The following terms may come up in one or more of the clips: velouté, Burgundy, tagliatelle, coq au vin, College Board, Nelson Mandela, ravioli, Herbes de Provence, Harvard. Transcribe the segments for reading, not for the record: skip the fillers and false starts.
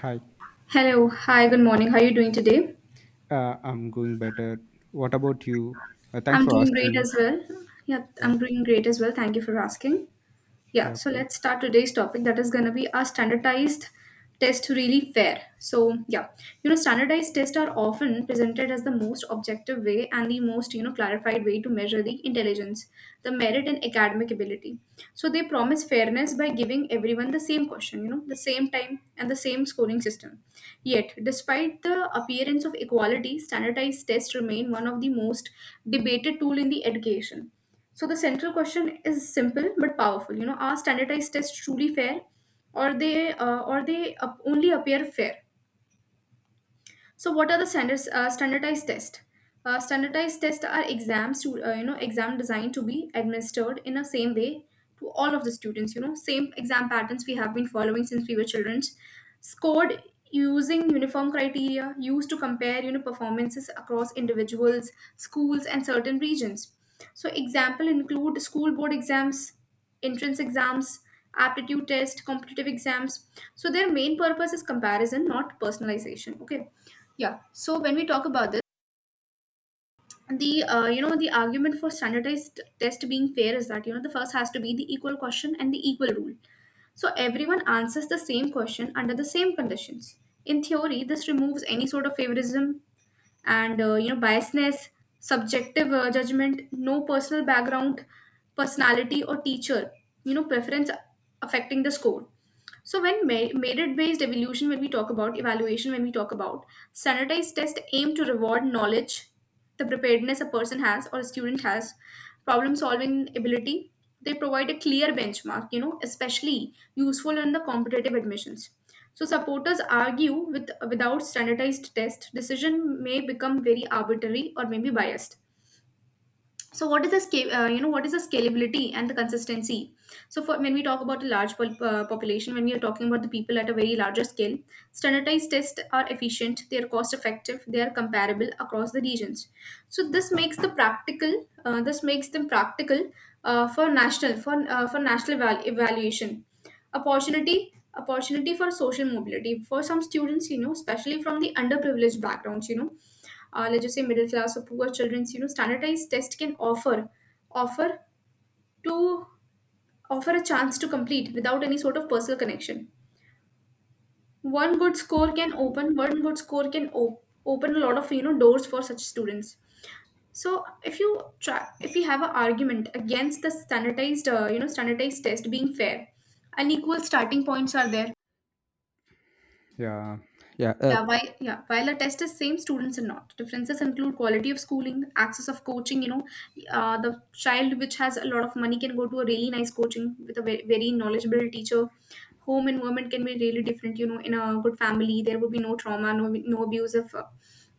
Hi, Hello, hi, good morning. How are you doing today? I'm going better. What about you? Thanks I'm for doing asking great me. as well. Yeah, Yeah, I'm doing great as well. Thank you for asking. Yeah, yeah, so okay. let's start today's topic that is going to be are standardized tests really fair? So, yeah, standardized tests are often presented as the most objective way and the most, clarified way to measure the intelligence, the merit, and academic ability. So, they promise fairness by giving everyone the same question, the same time and the same scoring system. Yet, despite the appearance of equality, standardized tests remain one of the most debated tool in the education, so the central question is simple but powerful. You know, are standardized tests truly fair, or they only appear fair? So, what are the standards? Standardized tests. Standardized tests are exams to you know exam designed to be administered in the same way to all of the students. You know, same exam patterns we have been following since we were children. Scored using uniform criteria used to compare, you know, performances across individuals, schools, and certain regions. So, example include school board exams, entrance exams, aptitude test, competitive exams. So their main purpose is comparison, not personalization. Okay, yeah. So when we talk about this, the you know, the argument for standardized test being fair is that, you know, the first has to be the equal question and the equal rule. So everyone answers the same question under the same conditions. In theory, this removes any sort of favoritism and you know, biasness, subjective judgment, no personal background, personality or teacher, you know, preference affecting the score. So when merit based evaluation, when we talk about evaluation, when we talk about standardized test aim to reward knowledge, the preparedness a person has or a student has, problem solving ability, they provide a clear benchmark, you know, especially useful in the competitive admissions. So supporters argue with without standardized tests, decision may become very arbitrary or maybe biased. So what is the scale, you know, what is the scalability and the consistency. So for when we talk about a large population, when we are talking about the people at a very larger scale, standardized tests are efficient, they are cost effective, they are comparable across the regions. So this makes the practical, this makes them practical for national evaluation. Opportunity for social mobility for some students, you know, especially from the underprivileged backgrounds, let's just say middle class or poor children's, you know, standardized test can offer to offer a chance to complete without any sort of personal connection. One good score can open a lot of, you know, doors for such students. So if you have an argument against the standardized standardized test being fair, unequal starting points are there. Yeah, yeah. Yeah, yeah, while a test is same, students are not. Differences include quality of schooling, access of coaching, you know, the child which has a lot of money can go to a really nice coaching with a very, very knowledgeable teacher. Home environment can be really different, you know, in a good family, there would be no trauma, no abusive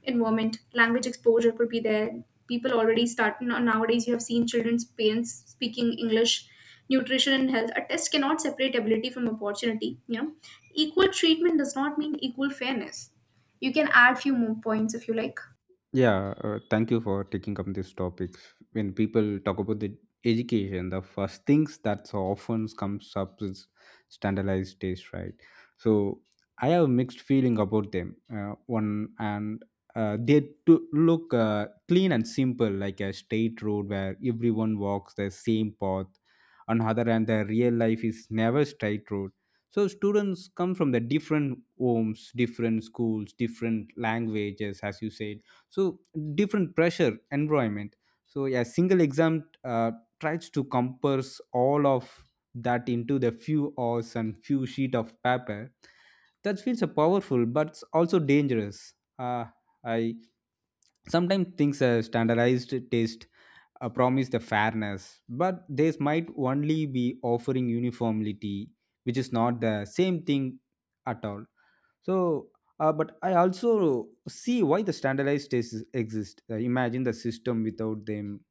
environment. Language exposure could be there. People already start, nowadays you have seen children's parents speaking English, nutrition and health. A test cannot separate ability from opportunity. Yeah, equal treatment does not mean equal fairness. You can add few more points if you like. Yeah, Thank you for taking up this topic. When people talk about the education, the first things that so often comes up is standardized tests, right? So I have a mixed feeling about them. One and they to look clean and simple, like a straight road where everyone walks the same path. On other hand, the real life is never straight road. So students come from the different homes, different schools, different languages, as you said, so different pressure environment. So yeah, single exam tries to compress all of that into the few hours and few sheet of paper. That feels a powerful, but it's also dangerous. Uh, i sometimes think a standardized test promise the fairness, but this might only be offering uniformity, which is not the same thing at all. So, but I also see why the standardized tests exist. Imagine the system without them,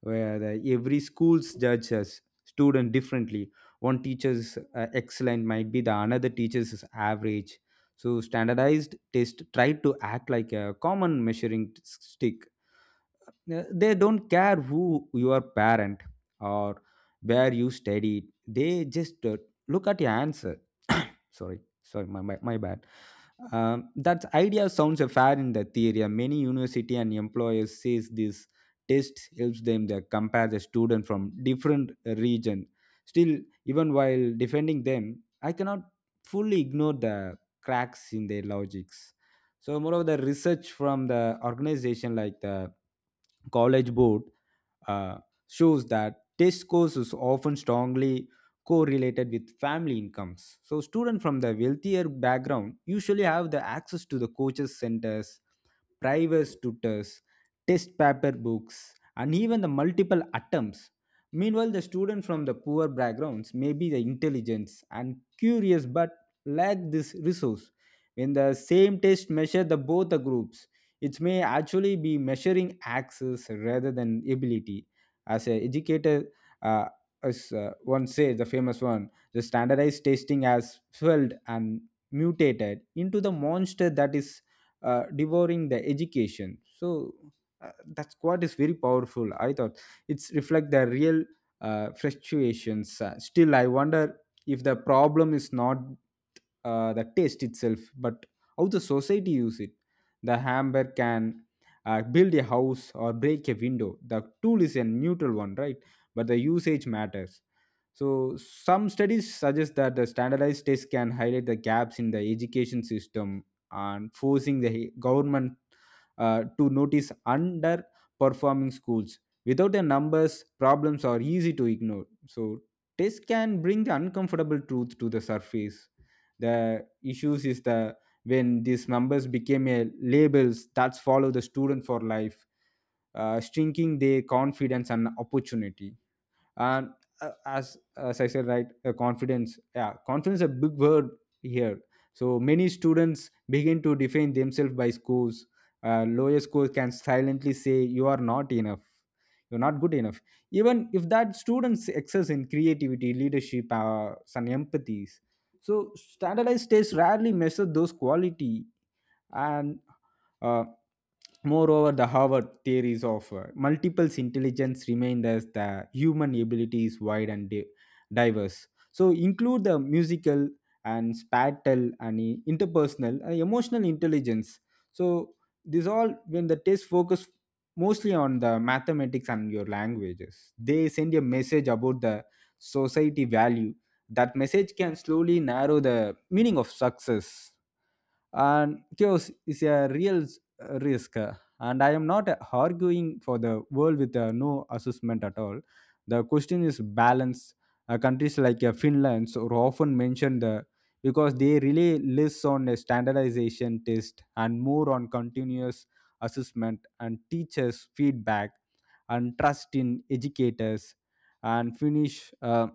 where the, every school's judges student differently. One teacher's excellent might be the another teacher's is average. So, standardized test try to act like a common measuring stick. They don't care who your parent or where you studied. They just look at your answer. Sorry, sorry, my bad. That idea sounds fair in the theory. Many university and employers says this test helps them to compare the student from different region. Still, even while defending them, I cannot fully ignore the cracks in their logics. So moreover, the research from the organization like the college board uh, shows that test scores is often strongly correlated with family incomes. So students from the wealthier background usually have the access to the coaches centers, private tutors, test paper books, and even the multiple attempts. Meanwhile, the student from the poor backgrounds may be the intelligence and curious, but lack this resource. When the same test measure the both the groups, it may actually be measuring access rather than ability. As an educator, uh, as one says, the famous one, the standardized testing has swelled and mutated into the monster that is devouring the education. So that's what is very powerful. I thought it's reflect the real fluctuations. Still, I wonder if the problem is not the test itself, but how the society use it. The hammer can build a house or break a window. The tool is a neutral one, right? But the usage matters. So some studies suggest that the standardized tests can highlight the gaps in the education system and forcing the government to notice underperforming schools. Without the numbers, problems are easy to ignore. So tests can bring the uncomfortable truth to the surface. The issues is the when these numbers became a labels that follow the student for life, shrinking their confidence and opportunity. And as I said, right, confidence, yeah, confidence is a big word here. So many students begin to define themselves by scores. Lower scores can silently say you are not enough, you're not good enough, even if that students excess in creativity, leadership, some empathies. So standardized tests rarely measure those quality. And uh, moreover, the Harvard theories of multiple intelligence remain as the human ability is wide and diverse, so include the musical and spatial and interpersonal and emotional intelligence. So this all, when the test focus mostly on the mathematics and your languages, they send a message about the society value. That message can slowly narrow the meaning of success, and chaos is a real risk. And I am not arguing for the world with no assessment at all. The question is balance. Countries like Finland so are often mentioned the because they really less on a standardization test and more on continuous assessment and teachers feedback and trust in educators and finish. uh,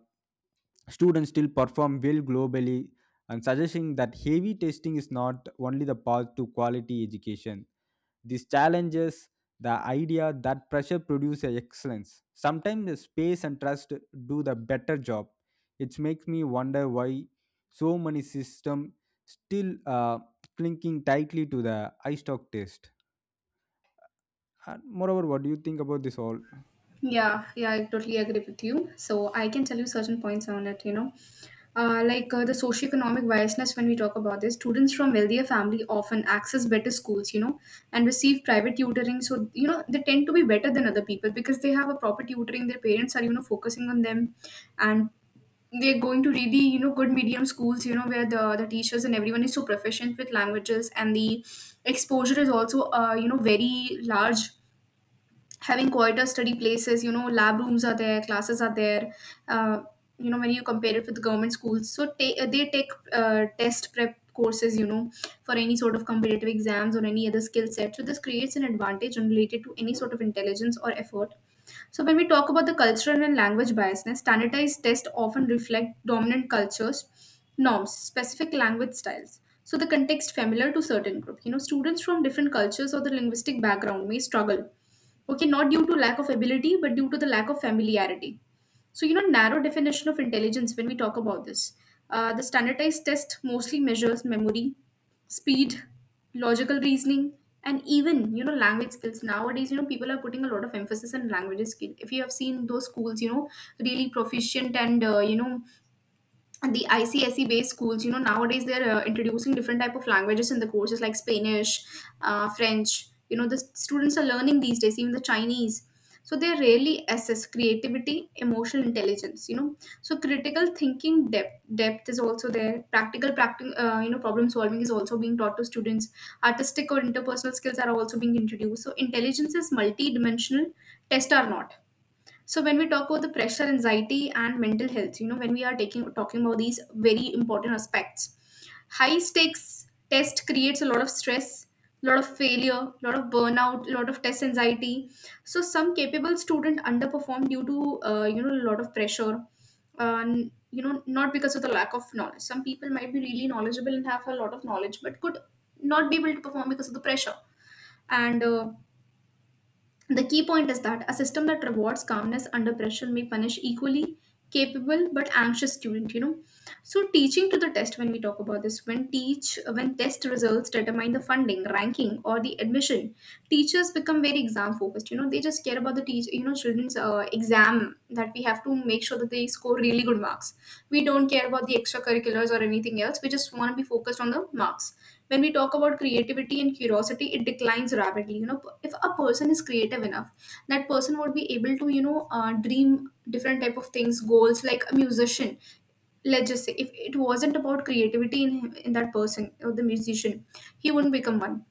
Students still perform well globally, and suggesting that heavy testing is not only the path to quality education. This challenges the idea that pressure produces excellence. Sometimes the space and trust do the better job. It makes me wonder why so many systems still clinging tightly to the iStock test. And moreover, what do you think about this all? Yeah, yeah, I totally agree with you. So I can tell you certain points on it, you know. The socioeconomic biasness, when we talk about this, students from wealthier family often access better schools, you know, and receive private tutoring. So, you know, they tend to be better than other people because they have a proper tutoring, their parents are, you know, focusing on them, and they're going to really, you know, good medium schools, you know, where the teachers and everyone is so proficient with languages and the exposure is also, you know, very large, having quieter study places, you know, lab rooms are there, classes are there. uh, you know, when you compare it with government schools, so they take test prep courses, you know, for any sort of competitive exams or any other skill set. So this creates an advantage unrelated to any sort of intelligence or effort. So when we talk about the cultural and language biasness, standardized tests often reflect dominant cultures, norms, specific language styles, so the context familiar to certain group, you know, students from different cultures or the linguistic background may struggle. Okay, not due to lack of ability, but due to the lack of familiarity. So, you know, narrow definition of intelligence when we talk about this. The standardized test mostly measures memory, speed, logical reasoning, and even, you know, language skills. Nowadays, you know, people are putting a lot of emphasis on language skill. If you have seen those schools, you know, really proficient and, you know, the ICSE based schools, you know, nowadays they're introducing different type of languages in the courses like Spanish, French. You know, the students are learning these days, even the Chinese. So they really assess creativity, emotional intelligence. You know, so critical thinking depth is also there. You know, problem solving is also being taught to students. Artistic or interpersonal skills are also being introduced. So intelligence is multi-dimensional. Tests are not. So when we talk about the pressure, anxiety, and mental health, you know, when we are taking talking about these very important aspects, high stakes test creates a lot of stress, a lot of failure, a lot of burnout, a lot of test anxiety. So some capable student underperform due to, you know, a lot of pressure, and, you know, not because of the lack of knowledge. Some people might be really knowledgeable and have a lot of knowledge, but could not be able to perform because of the pressure and. The key point is that a system that rewards calmness under pressure may punish equally capable but anxious student, you know. So teaching to the test, when we talk about this, when teach when test results determine the funding, ranking or the admission, teachers become very exam focused, you know, they just care about the teach you know, children's exam, that we have to make sure that they score really good marks. We don't care about the extracurriculars or anything else, we just want to be focused on the marks. When we talk about creativity and curiosity, it declines rapidly. You know, if a person is creative enough, that person would be able to, you know, dream different type of things, goals, like a musician. Let's just say if it wasn't about creativity in that person or the musician, he wouldn't become one.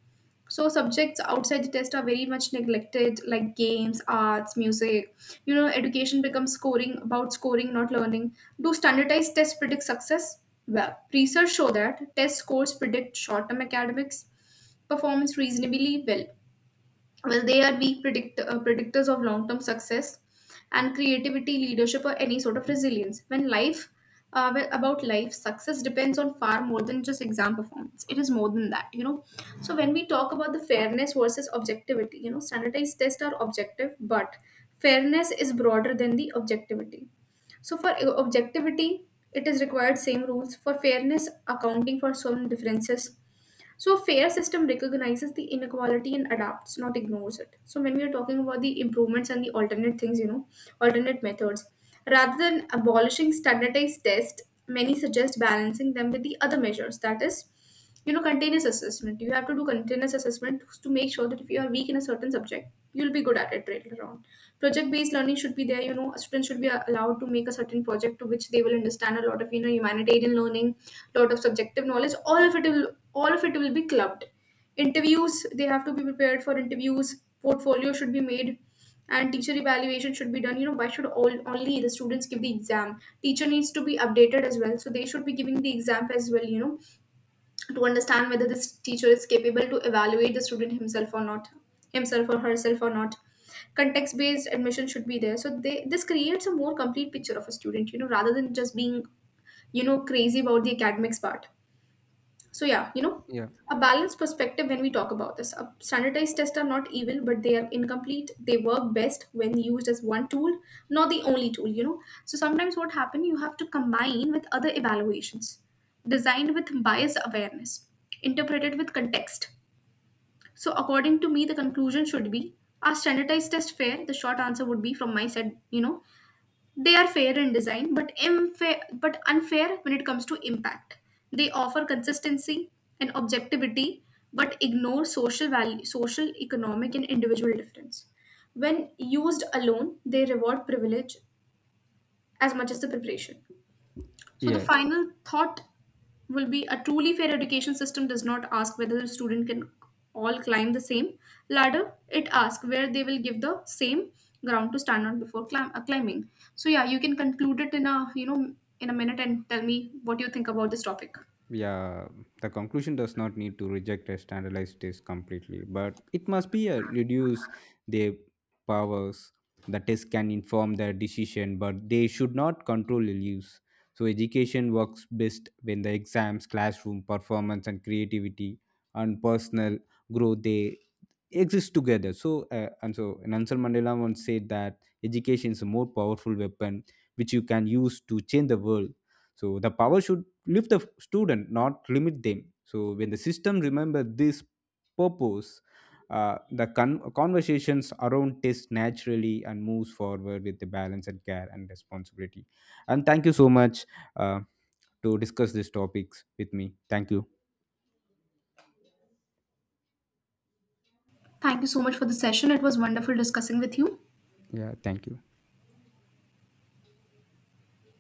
So subjects outside the test are very much neglected, like games, arts, music. You know, education becomes scoring about scoring, not learning. Do standardized tests predict success? Well, research show that test scores predict short-term academics performance reasonably well. Will are be predict, predictors of long term success and creativity, leadership, or any sort of resilience? About life, success depends on far more than just exam performance. It is more than that, you know. So when we talk about the fairness versus objectivity, you know, standardized tests are objective, but fairness is broader than the objectivity. So for objectivity, it is required same rules; for fairness, accounting for some differences. So a fair system recognizes the inequality and adapts, not ignores it. So when we are talking about the improvements and the alternate things, you know, alternate methods, rather than abolishing standardized tests, many suggest balancing them with the other measures. That is, you know, continuous assessment. You have to do continuous assessment to make sure that if you are weak in a certain subject, you'll be good at it later on. Project-based learning should be there. You know, students should be allowed to make a certain project to which they will understand a lot of, you know, humanitarian learning, lot of subjective knowledge. All of it will be clubbed. Interviews, they have to be prepared for interviews. Portfolio should be made, and teacher evaluation should be done. You know, why should all only the students give the exam? Teacher needs to be updated as well, so they should be giving the exam as well, you know, to understand whether this teacher is capable to evaluate the student himself or herself or not. Context based admission should be there, so they this creates a more complete picture of a student, you know, rather than just being, you know, crazy about the academics part. So yeah, you know, Yeah. a balanced perspective when we talk about this. Standardized tests are not evil, but they are incomplete. They work best when used as one tool, not the only tool, you know. So sometimes what happens, you have to combine with other evaluations designed with bias awareness, interpreted with context. So according to me, the conclusion should be, are standardized tests fair? The short answer would be from my side, you know, they are fair in design, but unfair when it comes to impact. They offer consistency and objectivity, but ignore social value, social, economic, and individual difference. When used alone, they reward privilege as much as the preparation. So the Yes. final thought will be, a truly fair education system does not ask whether the student can all climb the same ladder. It asks where they will give the same ground to stand on before climbing. So yeah, you can conclude it in a, you know, in a minute and tell me what you think about this topic. Yeah, the conclusion does not need to reject a standardized test completely, but it must be a reduce their powers. The test can inform their decision, but they should not control the use. So education works best when the exams, classroom performance, and creativity and personal growth they exist together. So and so Nelson Mandela once said that education is a more powerful weapon which you can use to change the world. So the power should lift the student not limit them. So when the system remember this purpose, the conversations around test naturally and moves forward with the balance and care and responsibility. And thank you so much uh, to discuss these topics with me. Thank you, Thank you so much for the session. It was wonderful discussing with you. yeah, thank you.